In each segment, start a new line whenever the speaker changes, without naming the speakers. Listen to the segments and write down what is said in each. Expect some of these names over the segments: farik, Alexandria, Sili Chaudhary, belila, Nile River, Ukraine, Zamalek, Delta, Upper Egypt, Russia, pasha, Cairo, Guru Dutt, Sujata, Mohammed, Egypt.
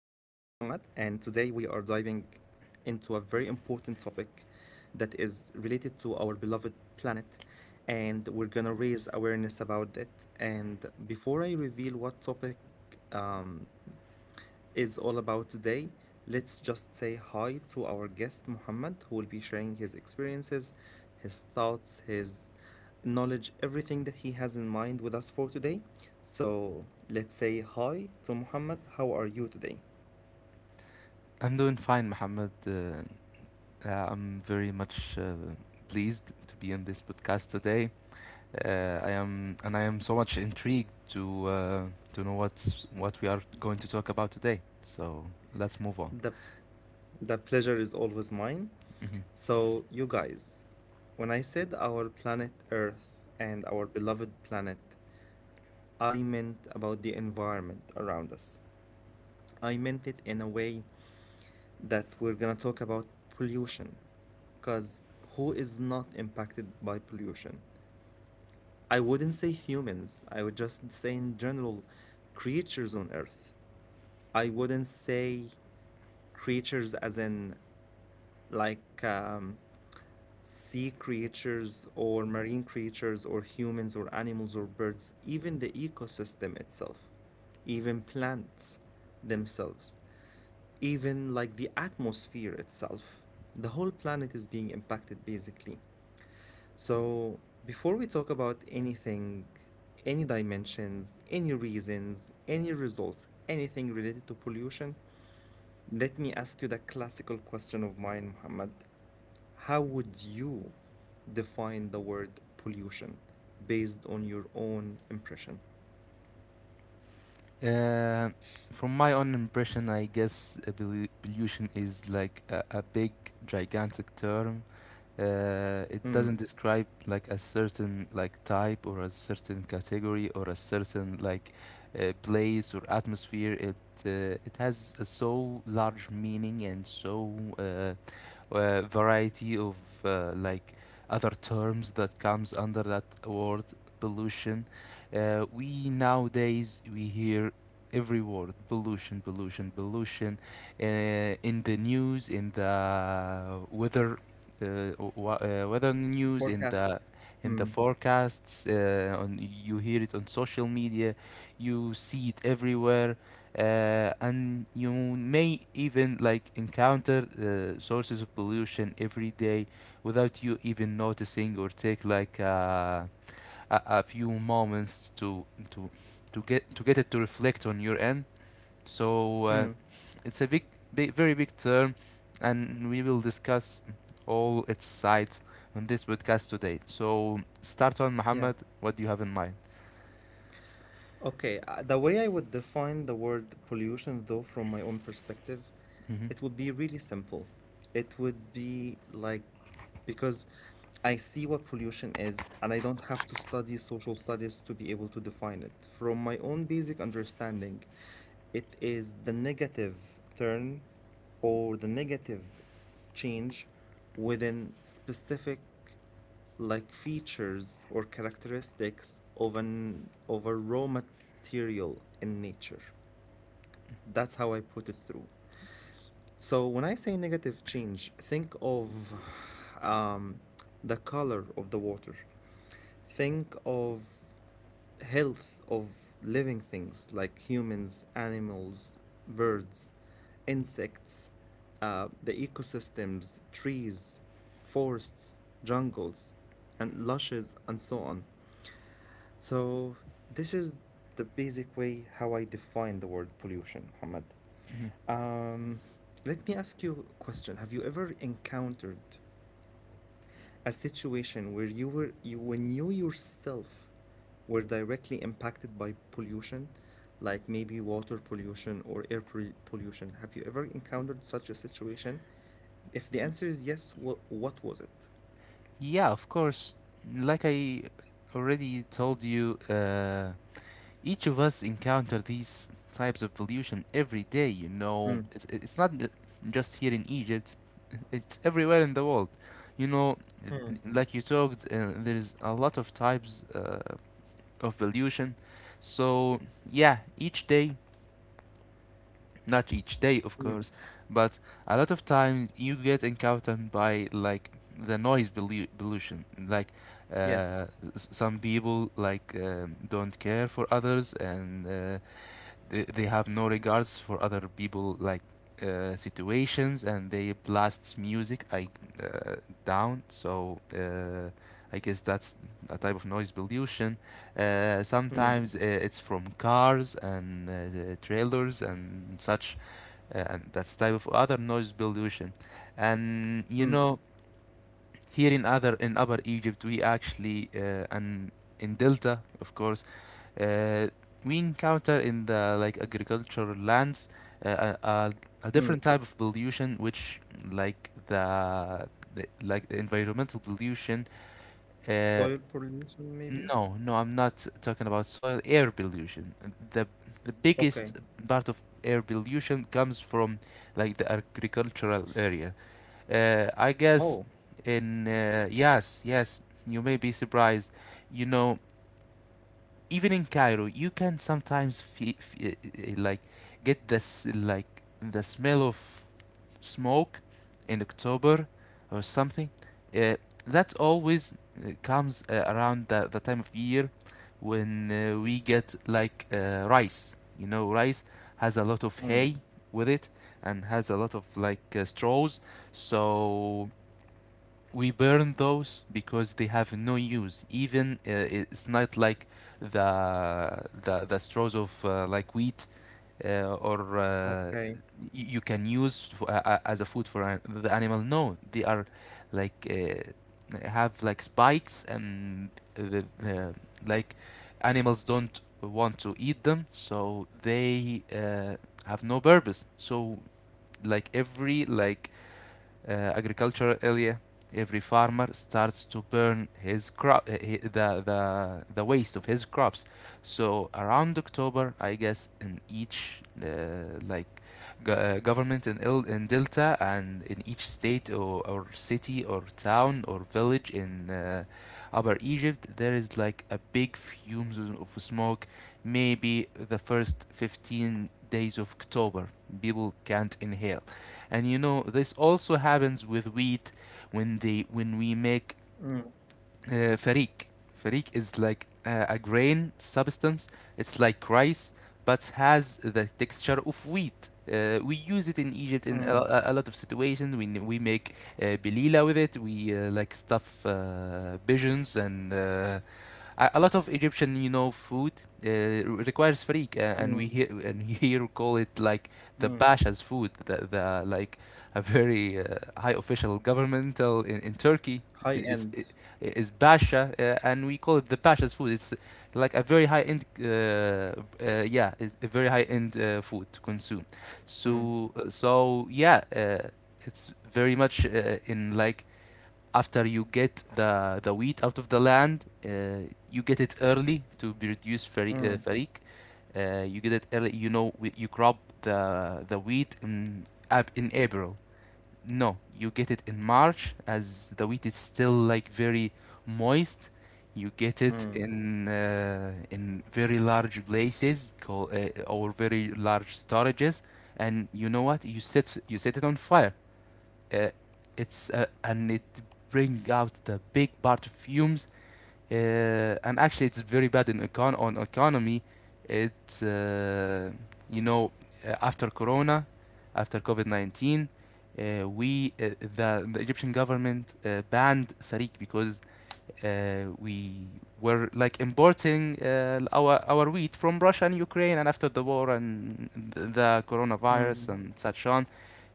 are diving into a very important topic that is related to our beloved planet, and we're gonna raise awareness about it. And before I reveal what topic um, is all about today. Let's just say hi to our guest, Muhammad, who will be sharing his experiences, his thoughts, his knowledge, everything that he has in mind with us for today. So let's say hi to Muhammad. How are you today?
I'm doing fine, Mohammed. I'm very much pleased to be on this podcast today. I am, and I am so much intrigued to know what we are going to talk about today. So let's move on.
The, the pleasure is always mine.
Mhm.
So, you guys, when I said our planet Earth and our beloved planet, I meant about the environment around us. I meant it in a way that we're gonna talk about pollution. Because who is not impacted by pollution? I wouldn't say humans, I would just say in general creatures on Earth. I wouldn't say creatures as in like sea creatures or marine creatures or humans or animals or birds, even the ecosystem itself, even plants themselves. Even like the atmosphere itself. The whole planet is being impacted basically. So, before we talk about anything, any dimensions, any reasons, any results, anything related to pollution, let me ask you the classical question of mine, Muhammad. How would you define the word pollution based on your own impression?
Uh, from my own impression, I guess evolution is like a big, gigantic term, it doesn't describe like a certain like type or a certain category or a certain like place or atmosphere. It has a so large meaning and so uh, variety of like other terms that comes under that word pollution. We nowadays we hear every word pollution, pollution, pollution in the news, in the weather, uh, weather news,
Forecast.
in the
Mm,
forecasts. On You hear it on social media, you see it everywhere, and you may even like encounter sources of pollution every day without you even noticing or take like a few moments to to get it to reflect on your end. so uh,
mm,
it's a big, very big term, and we will discuss all its sides on this podcast today. So start on, Muhammad.
yeah.
What do you have in mind?
Okay, the way I would define the word pollution, though, from my own perspective,
Hmm.
it would be really simple. It would be like, because I see what pollution is, and I don't have to study social studies to be able to define it. From my own basic understanding, it is the negative turn or the negative change within specific like features or characteristics of an of a raw material in nature. That's how I put it through.
Yes.
So when I say negative change, think of um, the color of the water. Think of health of living things like humans, animals, birds, insects, the ecosystems, trees, forests, jungles, and lushes, and so on. So, this is the basic way how I define the word pollution, Muhammad.
Hmm.
Um, Let me ask you a question. Have you ever encountered a situation where you were you when you yourself were directly impacted by pollution, like maybe water pollution or pollution? Have you ever encountered such a situation? If the answer is yes, what was it?
Yeah, of course. Like I already told you, each of us encounter these types of pollution every day. You know,
Mm,
it's not just here in Egypt; it's everywhere in the world. You know,
mm,
like you talked, there's a lot of types of pollution. So yeah, each day, not each day of
mm,
course, but a lot of times you get encountered by like the pollution. Like,
yes.
uh, some people like don't care for others, and they have no regards for other people like situations, and they blast music uh, down. I guess that's a type of noise pollution.
Mm,
Sometimes it's from cars and the trailers and such, and that's type of other noise pollution. And you
mm,
know, here in other in Upper Egypt, we actually, and in Delta of course, uh, we encounter in the like agricultural lands uh, a, a,
mm.
different type of pollution, which like the environmental pollution. uh,
Soil pollution, maybe?
no, no, I'm not talking about soil air pollution. The the
Okay.
biggest part of air pollution comes from like the agricultural area. I guess
Oh.
in, yes, yes, you may be surprised. You know, even in Cairo, you can sometimes feel like get this like the smell of smoke in October or something. Uh, that always comes around the time of year when we get like rice. You know, rice has a lot
Mm.
of hay with it, and has a lot of like straws, so we burn those because they have no use. Even it's not like the straws of like wheat, or
Okay.
you can use as a food for the animal. No, they are like have like spikes, and the like animals don't want to eat them, so they have no purpose. So like every like agricultural area, every farmer starts to burn his crop, the waste of his crops. So around October, I guess, in each government in in Delta, and in each state or city or town or village in Upper Egypt, there is like a big fumes of smoke. Maybe the first 15 days of October, people can't inhale. And you know, this also happens with wheat when they when we make
Mm,
farik. Farik is like a grain substance. It's like rice, but has the texture of wheat. We use it in Egypt in
mm,
lot of situations. We make belila with it. We like stuff pigeons and a lot of Egyptian, you know, food uh, requires farik, and we
mm,
here and here call it like the
mm.
pasha's food, the like a very high official governmental in Turkey. i-
High
It's i-
end.
Pasha, and we call it the pasha's food. It's like a very high end, yeah, it's a very high end food to consume.
Mm,
So yeah, it's very much in like after you get the wheat out of the land, you get it early to be reduce
mm,
farik. You get it early. You know you crop the wheat in in April. No, you get it in March as the wheat is still like very moist. You get it
mm,
in very large places call, or very large storages, and you know what? You set it on fire. Uh, it's And it bring out the big perfumes. uh, and actually it's very bad in economy. It's You know, after corona, after covid-19, uh, we uh, the Egyptian government banned tariq because we were like importing our wheat from Russia and Ukraine, and after the war and the coronavirus
mm,
and such on,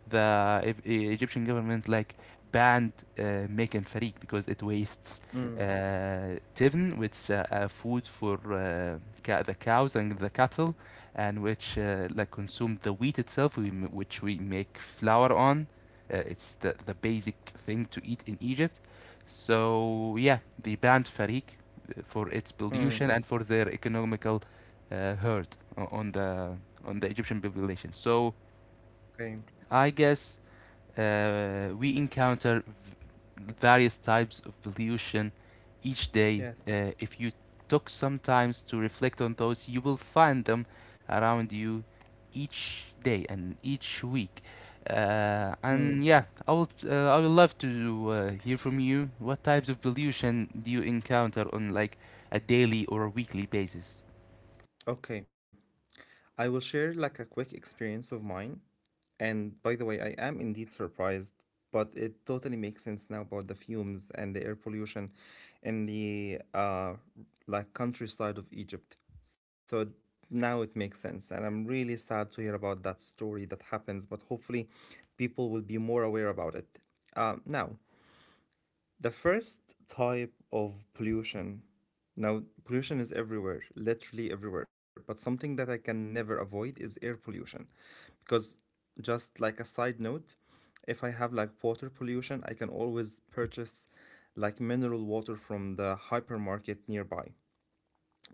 the Egyptian government like banned making farik because it wastes
mm,
tivn, which food for the cows and the cattle, and which like consume the wheat itself, which we make flour on. It's the basic thing to eat in Egypt. So yeah, they banned farik for its pollution
mm.
and for their economical hurt on the Egyptian population. So
Okay.
I guess we encounter various types of pollution each day.
Yes.
If you took some time to reflect on those, you will find them around you each day and each week. And yeah,
Mm.
I will. I would love to hear from you. What types of pollution do you encounter on like a daily or a weekly basis?
Okay. I will share like a quick experience of mine. And by the way, I am indeed surprised, but it totally makes sense now about the fumes and the air pollution in the like countryside of Egypt. Now it makes sense, and I'm really sad to hear about that story that happens, but hopefully people will be more aware about it. Now, the first type of pollution, now pollution is everywhere, literally everywhere, but something that I can never avoid is air pollution. Because, just like a side note, if I have like water pollution, I can always purchase like mineral water from the hypermarket nearby.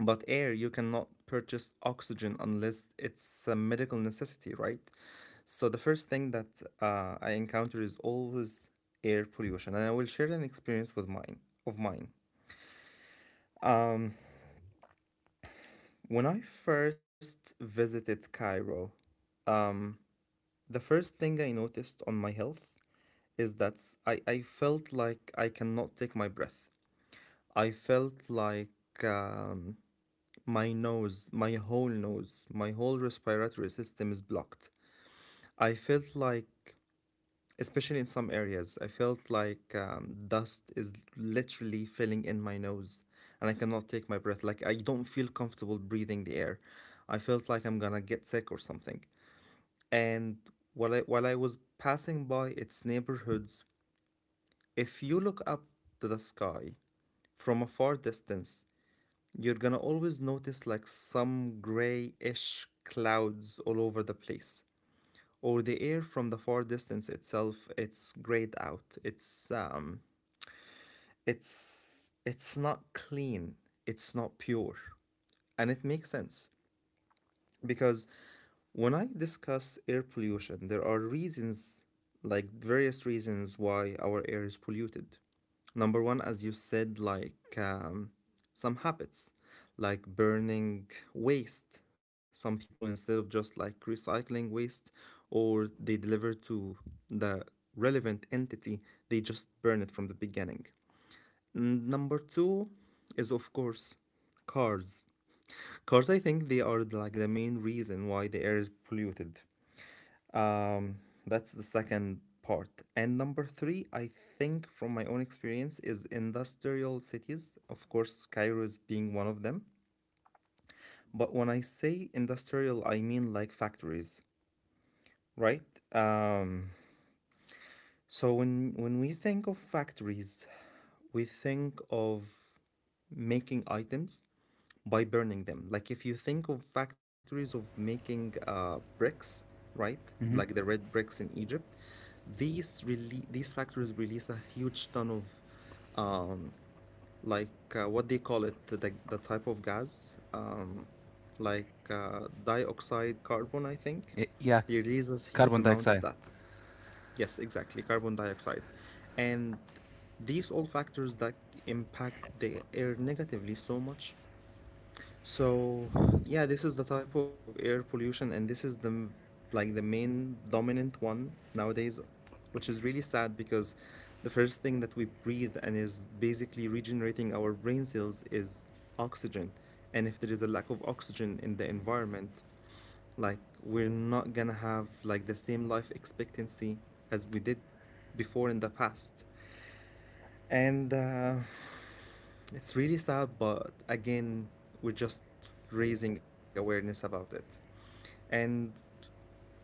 But air, you cannot purchase oxygen unless it's a medical necessity, right? So the first thing that I encounter is always air pollution, and I will share an experience with mine of mine. When I first visited Cairo, the first thing I noticed on my health is that I felt like I cannot take my breath. I felt like my nose, my whole respiratory system is blocked. I felt like especially in some areas. I felt like dust is literally filling in my nose and I cannot take my breath. Like, I don't feel comfortable breathing the air. I felt like I'm gonna get sick or something. And while I was passing by its neighborhoods, if you look up to the sky from a far distance, you're gonna always notice like some grayish clouds all over the place, or the air from the far distance itself, it's grayed out, it's not clean, it's not pure. And it makes sense because when I discuss air pollution, there are reasons, like various reasons why our air is polluted. Number one, as you said, like some habits, like burning waste. Some people, instead of just like recycling waste or they deliver to the relevant entity, they just burn it from the beginning. Mm. Number two is, of course, cars. Cars, I think they are like the main reason why the air is polluted. Um, that's the second part. And number three, I think from my own experience, is industrial cities. Of course, Cairo is being one of them. But when I say industrial, I mean like factories, right? So when we think of factories, we think of making items by burning them. Like if you think of factories of making bricks, right? Like the
Mm-hmm.
red bricks in Egypt, these factories release a huge ton of um, like what they call it, the type of gas, like dioxide carbon, I think
Yeah,
they release a huge
carbon
amount of
dioxide.
that. Yes, exactly, carbon dioxide. And these all factors that impact the air negatively so much. So, yeah, this is the type of air pollution, and this is like the main dominant one nowadays, which is really sad because the first thing that we breathe and is basically regenerating our brain cells is oxygen. And if there is a lack of oxygen in the environment, like we're not gonna have like the same life expectancy as we did before in the past. And it's really sad, but again, we're just raising awareness about it. And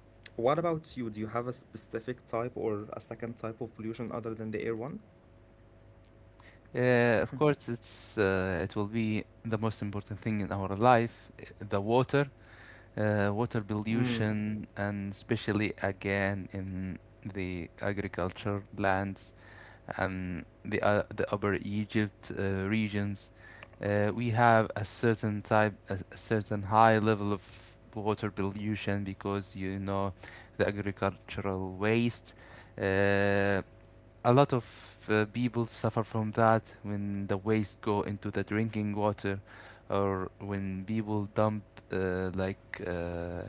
what about you? Do you have a specific type or a second type of pollution other than the air one?
Of course, it's, it will be the most important thing in our life, the water, water
Mm,
pollution, and especially again in the agriculture lands and the, the Upper Egypt regions. We have a certain type, a certain high level of water pollution because you know the agricultural waste. Uh, a lot of people suffer from that when the waste go into the drinking water, or when people dump uh, like uh, uh,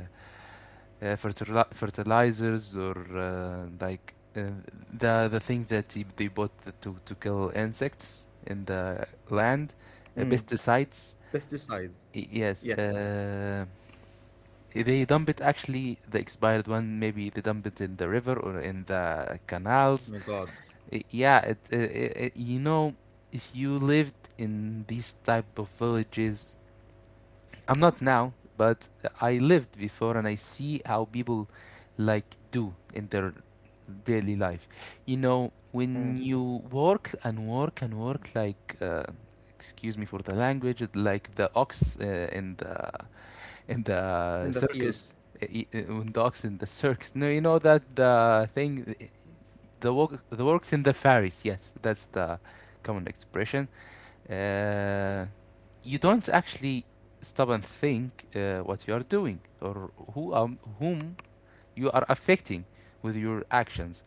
fertilizers, or the thing that they bought to kill insects in the land,
mm.
pesticides.
Pesticides.
Yes,
Yes.
they dump it, actually the expired one, maybe they dump it in the river or in the canals.
My God.
Yeah, you know, if you lived in these type of villages, I'm not now, but I lived before and I see how people like do in their daily life. You know, when
Mm.
you work and work and work like, excuse me for the language, like the ox in the in the
In the field.
circus, when the ox in the circus. No, you know that the thing, the work, the works in the fairies, yes, that's the common expression. uh, you don't actually stop and think what you are doing or who, whom you are affecting with your actions.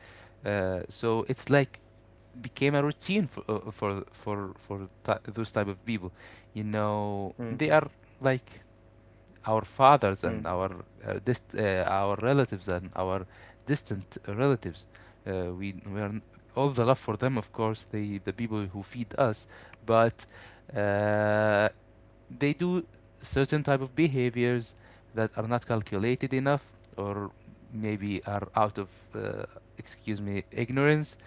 So it's like became a routine for ti those type of people. You know
Mm,
they are like our fathers
mm,
and our, our relatives and our distant relatives. We are all the love for them, of course, the people who feed us, but uh, they do certain type of behaviors that are not calculated enough or maybe are out of, excuse me, ignorance.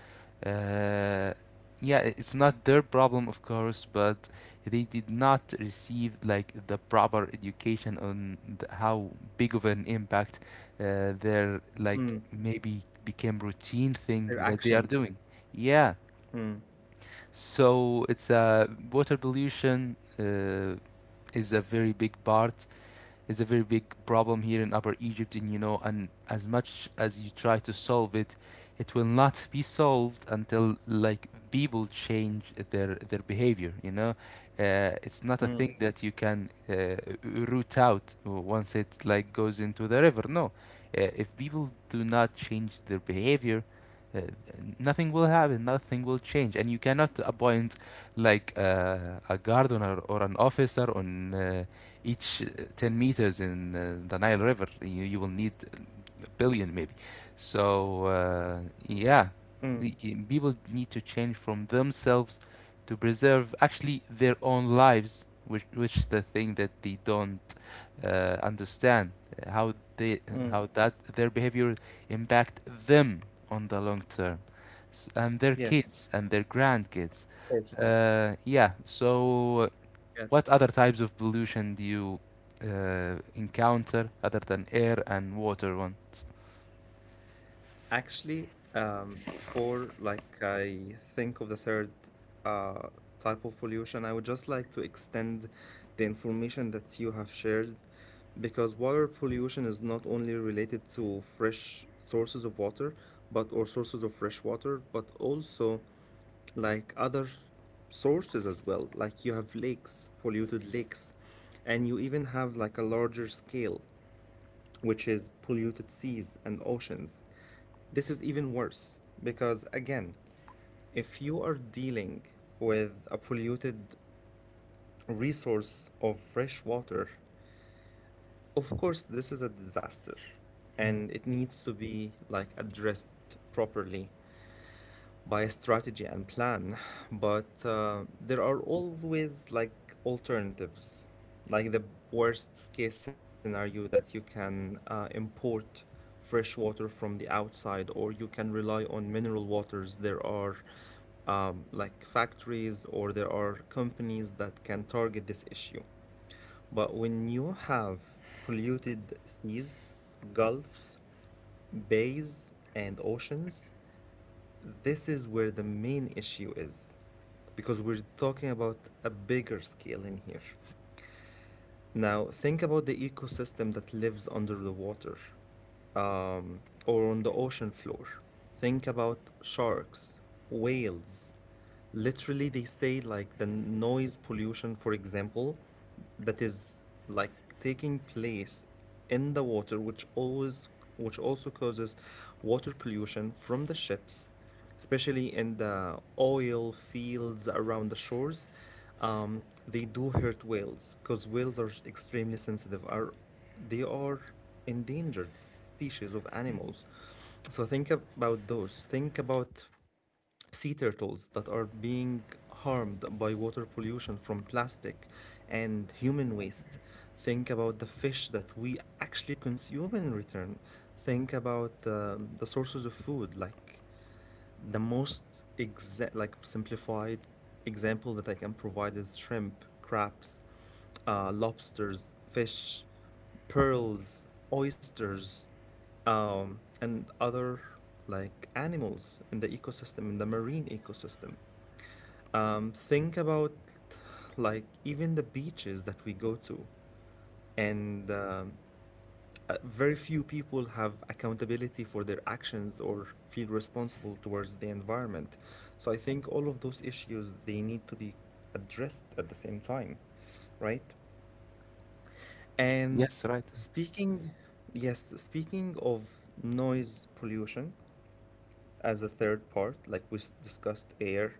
uh, yeah, it's not their problem of course, but they did not receive like the proper education on how big of an impact their like
mm.
maybe became routine thing
Their
that they are
actions.
doing. Yeah,
Mm,
so it's a water pollution, is a very big part, is a very big problem here in Upper Egypt, and you know, and as much as you try to solve it, it will not be solved until like people change their behavior. You know, it's not a thing
mm,
that you can root out once it like goes into the river. No, if people do not change their behavior, uh, nothing will happen, nothing will change. And you cannot appoint like a gardener or an officer on each 10 meters in the Nile River. You will need a billion maybe. So, uh, yeah,
mm,
People need to change from themselves to preserve actually their own lives, which is the thing that they don't understand uh, how they
mm.
how that their behavior impact them on the long term and their
Yes,
kids and their grandkids.
of course.
Yeah, so what
Yes.
other types of pollution do you encounter other than air and water ones?
Actually, before like I think of the third uh, type of pollution, I would just like to extend the information that you have shared because water pollution is not only related to fresh sources of water, but or sources of fresh water, but also like other sources as well. Like you have lakes, polluted lakes, and you even have like a larger scale, which is polluted seas and oceans. This is even worse because, again, if you are dealing with a polluted resource of fresh water, of course, this is a disaster
Mm.
and it needs to be like addressed properly by strategy and plan, but there are always like alternatives, like the worst case scenario that you can import fresh water from the outside, or you can rely on mineral waters. There are like factories or there are companies that can target this issue. But when you have polluted seas, gulfs, bays, and oceans, this is where the main issue is because we're talking about a bigger scale in here. Now, think about the ecosystem that lives under the water, or on the ocean floor. Think about sharks, whales. Literally, they say like the noise pollution, for example, that is like taking place in the water, which always, which also causes water pollution from the ships, especially in the oil fields around the shores. Um, they do hurt whales because whales are extremely sensitive. Are they are species of animals. So think about those. Think about sea turtles that are being harmed by water pollution from plastic and human waste. Think about the fish that we actually consume in return. Think about the sources of food, like the most exact, like simplified example that I can provide is shrimp, crabs, lobsters, fish, pearls, oysters, and other like animals in the ecosystem, in the marine ecosystem. Think about like even the beaches that we go to, and very few people have accountability for their actions or feel responsible towards the environment. So I think all of those issues, they need to be addressed at the same time, right? And
Yes, right.
speaking, yes, speaking of noise pollution as a third part, like discussed air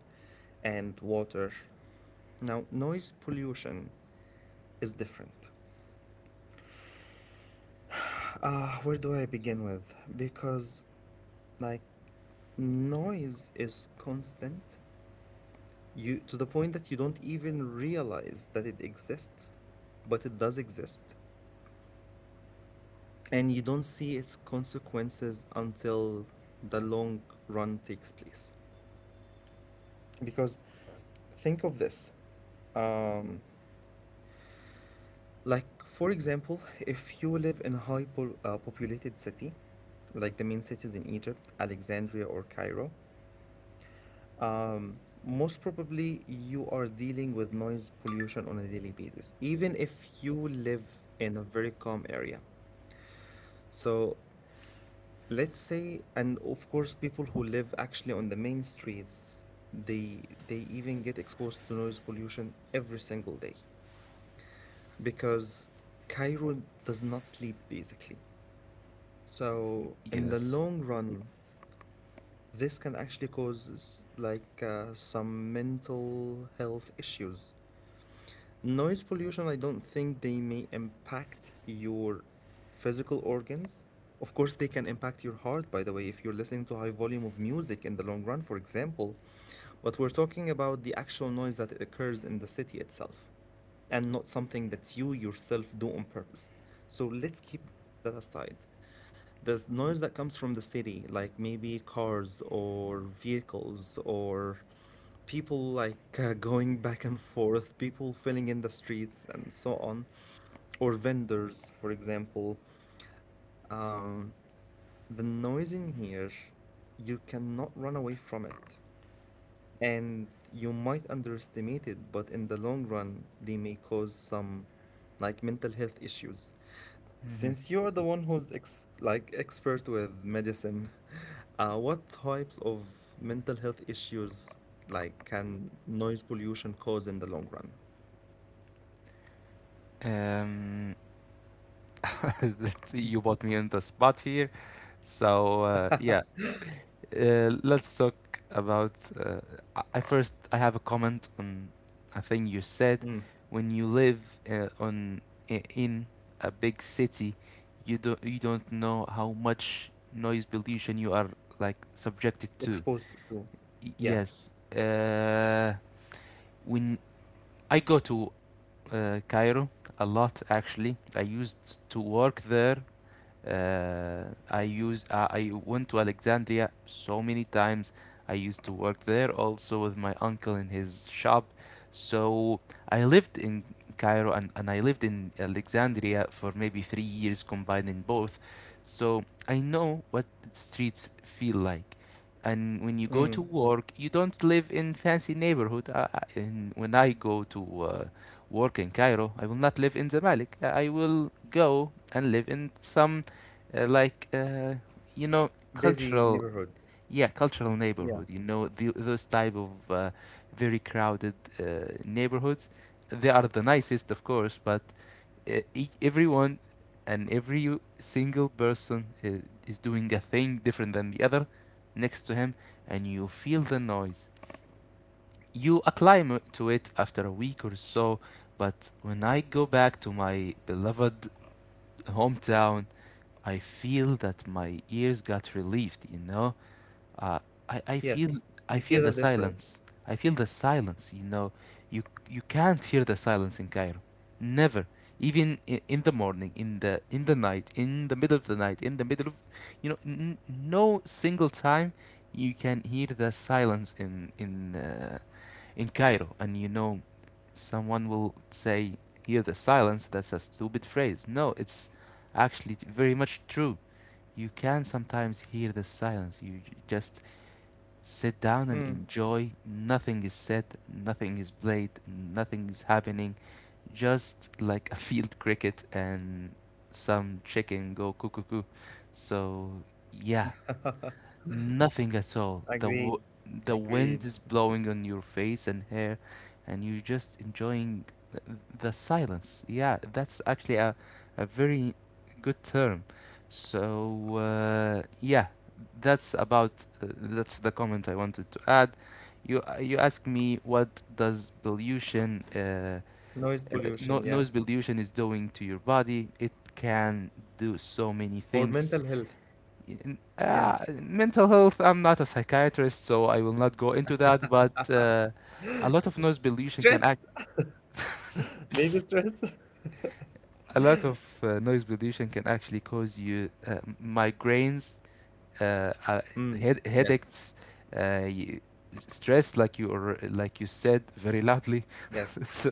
and water. Now, noise pollution is different. Ah, where do I begin with? Because, like, noise is constant, you to the point that you don't even realize that it exists, but it does exist. And you don't see its consequences until the long run takes place. Because think of this. Like, for example, if you live in a populated city, like the main cities in Egypt, Alexandria or Cairo, most probably, you are dealing with noise pollution on a daily basis, even if you live in a very calm area. So, let's say, and of course, people who live actually on the main streets, they they even get exposed to noise pollution every single day because Cairo does not sleep basically. So, in the
Yes.
long run, this can actually cause some mental health issues. Noise pollution, I don't think they may impact your physical organs. Of course, they can impact your heart, by the way, if you're listening to high volume of music in the long run, for example. But we're talking about the actual noise that occurs in the city itself and not something that you yourself do on purpose. So let's keep that aside, noise that comes from the city, like maybe cars or vehicles or people going back and forth, people filling in the streets and so on, or vendors, for example. The noise in here, you cannot run away from it. And you might underestimate it, but in the long run, they may cause some like mental health issues.
Mhm.
Since you're the one who's ex like expert with medicine, what types of mental health issues like can noise pollution cause in the long run?
Um, you bought me on the spot here. So yeah, Let's talk about. I- first I have a comment on a thing you said.
Mm,
When you live on in a big city, you don't know how much noise pollution you are like subjected to.
exposed to. Yeah.
Yes. When I go to Cairo a lot. Actually, I used to work there. uh, I went to Alexandria so many times. I used to work there also with my uncle in his shop. So I lived in Cairo, and I lived in Alexandria for maybe 3 years combining both. So I know what streets feel like. And when you go to
Mm,
work, you don't live in fancy neighborhood. When I go to work in Cairo, I will not live in Zamalek. I will go and live in some uh, like uh, you know,
busy
cultural,
neighborhood.
yeah, cultural
Yeah.
neighborhood, you know, the, those type of very crowded neighborhoods. They are the nicest, of course, but everyone and every single person is doing a thing different than the other next to him, and you feel the noise. You acclimate to it after a week or so, but when I go back to my beloved hometown, I feel that my ears got relieved, you know. Uh, I feel,
Yes.
I
You
feel
feel the
the
difference.
silence. I feel the silence, you know. You you can't hear the silence in Cairo. Never. Even in the morning, in the night, in the middle of the night, in the middle of, you know, no single time you can hear the silence in in Cairo. And you know, someone will say hear the silence, that's a stupid phrase. No, it's actually very much true. You can sometimes hear the silence. You just sit down and
Mm.
enjoy. Nothing is said, nothing is played, nothing is happening. Just like a field cricket and some chicken go cuckoo. So, yeah. Nothing at all. The
Agreed.
w the
Agreed.
wind is blowing on your face and hair, and you're just enjoying the silence. Yeah, that's actually a very good term. So yeah, that's about that's the comment I wanted to add. You asked me what does pollution
Noise
no,
pollution, yeah.
noise pollution is doing to your body. It can do so many
Or
things.
mental health. Yeah.
uh, Mental health, I'm not a psychiatrist, so I will not go into that, but a lot of noise pollution can
Stress.
act
Maybe stress.
a lot of noise pollution can actually cause you migraines, uh, uh,
Mm. Yes.
headaches, uh, y- stress, like you, or like you said very loudly
Yes.
so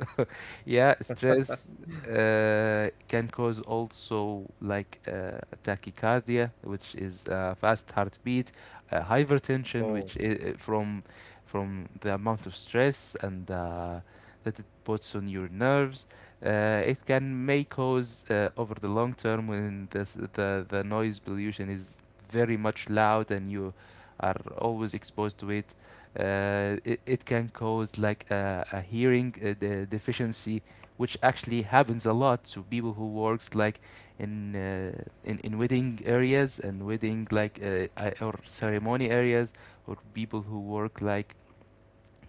yeah, stress can cause also like tachycardia, which is fast heartbeat, hypertension,
Oh,
which is from the amount of stress and that it puts on your nerves. It can May cause over the long term, when this, the noise pollution is very much loud and you are always exposed to it, it can cause like a hearing deficiency, which actually happens a lot to people who works like in uh, in wedding areas and wedding like or ceremony areas, or people who work like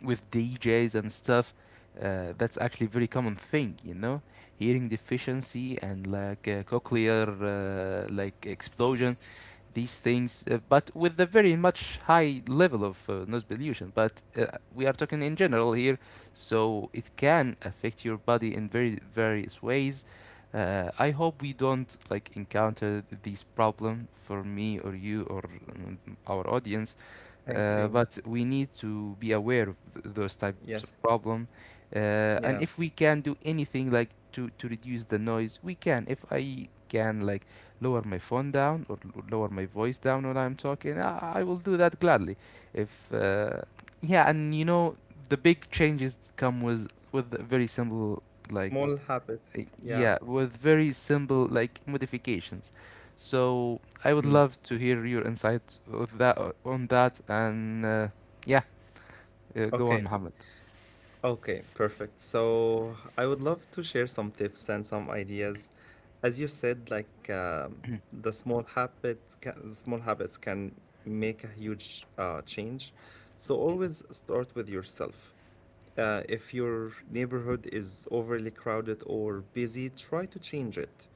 with DJs and stuff. That's actually a very common thing, you know, hearing deficiency and like cochlear like explosion, these things, but with a very much high level of noise pollution. But we are talking in general here, so it can affect your body in very various ways. I hope we don't like encounter this problem, for me or you or our audience,
thank you.
but we need to be aware of those types of
Yes.
problem. And
Yeah.
if we can do anything like to reduce the noise, we can. If I can like lower my phone down or lower my voice down when I'm talking, I will do that gladly. If Yeah, and you know, the big changes come with very simple like
Small habits. Yeah.
Modifications. So I would
Hmm.
love to hear your insight of that on that and yeah, go on,
Okay.
Muhammad.
Okay. Perfect. So I would love to share some tips and some ideas, as you said, like, the small habits, the small habits can make a huge change. So always start with yourself. If your neighborhood is overly crowded or busy, try to change it.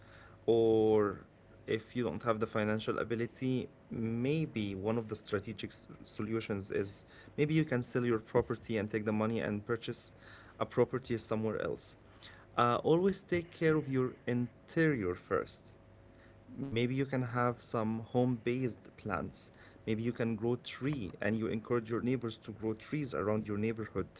Or if you don't have the financial ability, maybe one of the strategic solutions is maybe you can sell your property and take the money and purchase a property somewhere else. Always take care of your interior first. Maybe you can have some home based plants. Maybe you can grow tree and you encourage your neighbors to grow trees around your neighborhood.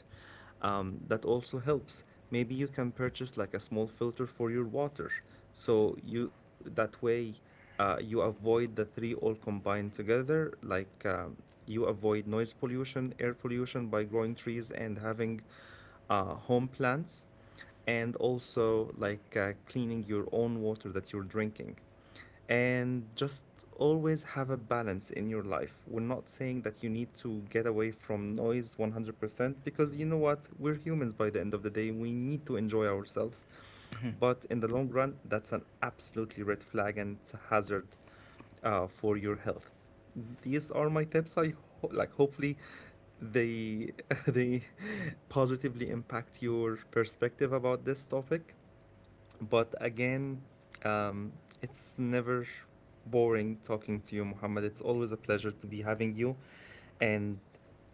That also helps. Maybe you can purchase like a small filter for your water. So you that way, you avoid the three all combined together. Like, you avoid noise pollution, air pollution by growing trees and having home plants and also cleaning your own water that you're drinking, and just always have a balance in your life. We're not saying that you need to get away from noise 100% because you know what? We're humans by the end of the day. We need to enjoy ourselves. But in the long run, that's an absolutely red flag and it's a hazard for your health. These are my tips. I ho- like Hopefully they they positively impact your perspective about this topic. But again, um, it's never boring talking to you, Muhammad. It's always a pleasure to be having you. And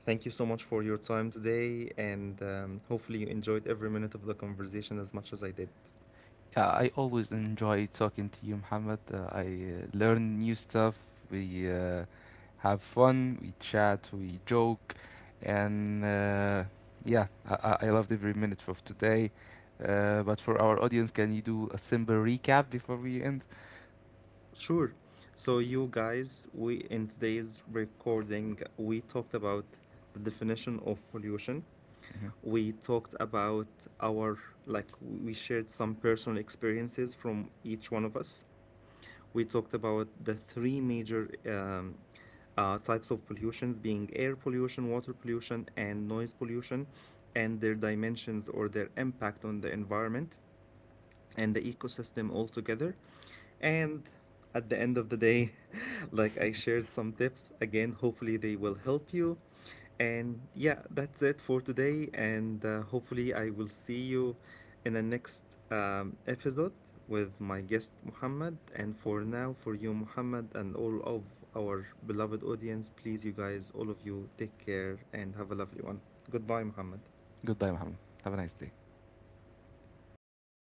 thank you so much for your time today. And hopefully, you enjoyed every minute of the conversation as much as I did.
Yeah, I always enjoy talking to you, Muhammad. I learn new stuff. We have fun. We chat. We joke, and yeah, I loved every minute of today. But for our audience, can you do a simple recap before we end?
Sure. So, you guys, we in today's recording, we talked about the definition of pollution.
Hmm.
We talked about our, like, we shared some personal experiences from each one of us. We talked about the three major types of pollutions, being air pollution, water pollution and noise pollution, and their dimensions or their impact on the environment and the ecosystem altogether. And at the end of the day, like I shared some tips again, hopefully they will help you. And yeah, that's it for today. And hopefully I will see you in the next episode with my guest Muhammad. And for now, for you, Muhammad, and all of our beloved audience, please, you guys, all of you, take care and have a lovely one. Goodbye, Muhammad.
Goodbye, Muhammad. Have a nice day.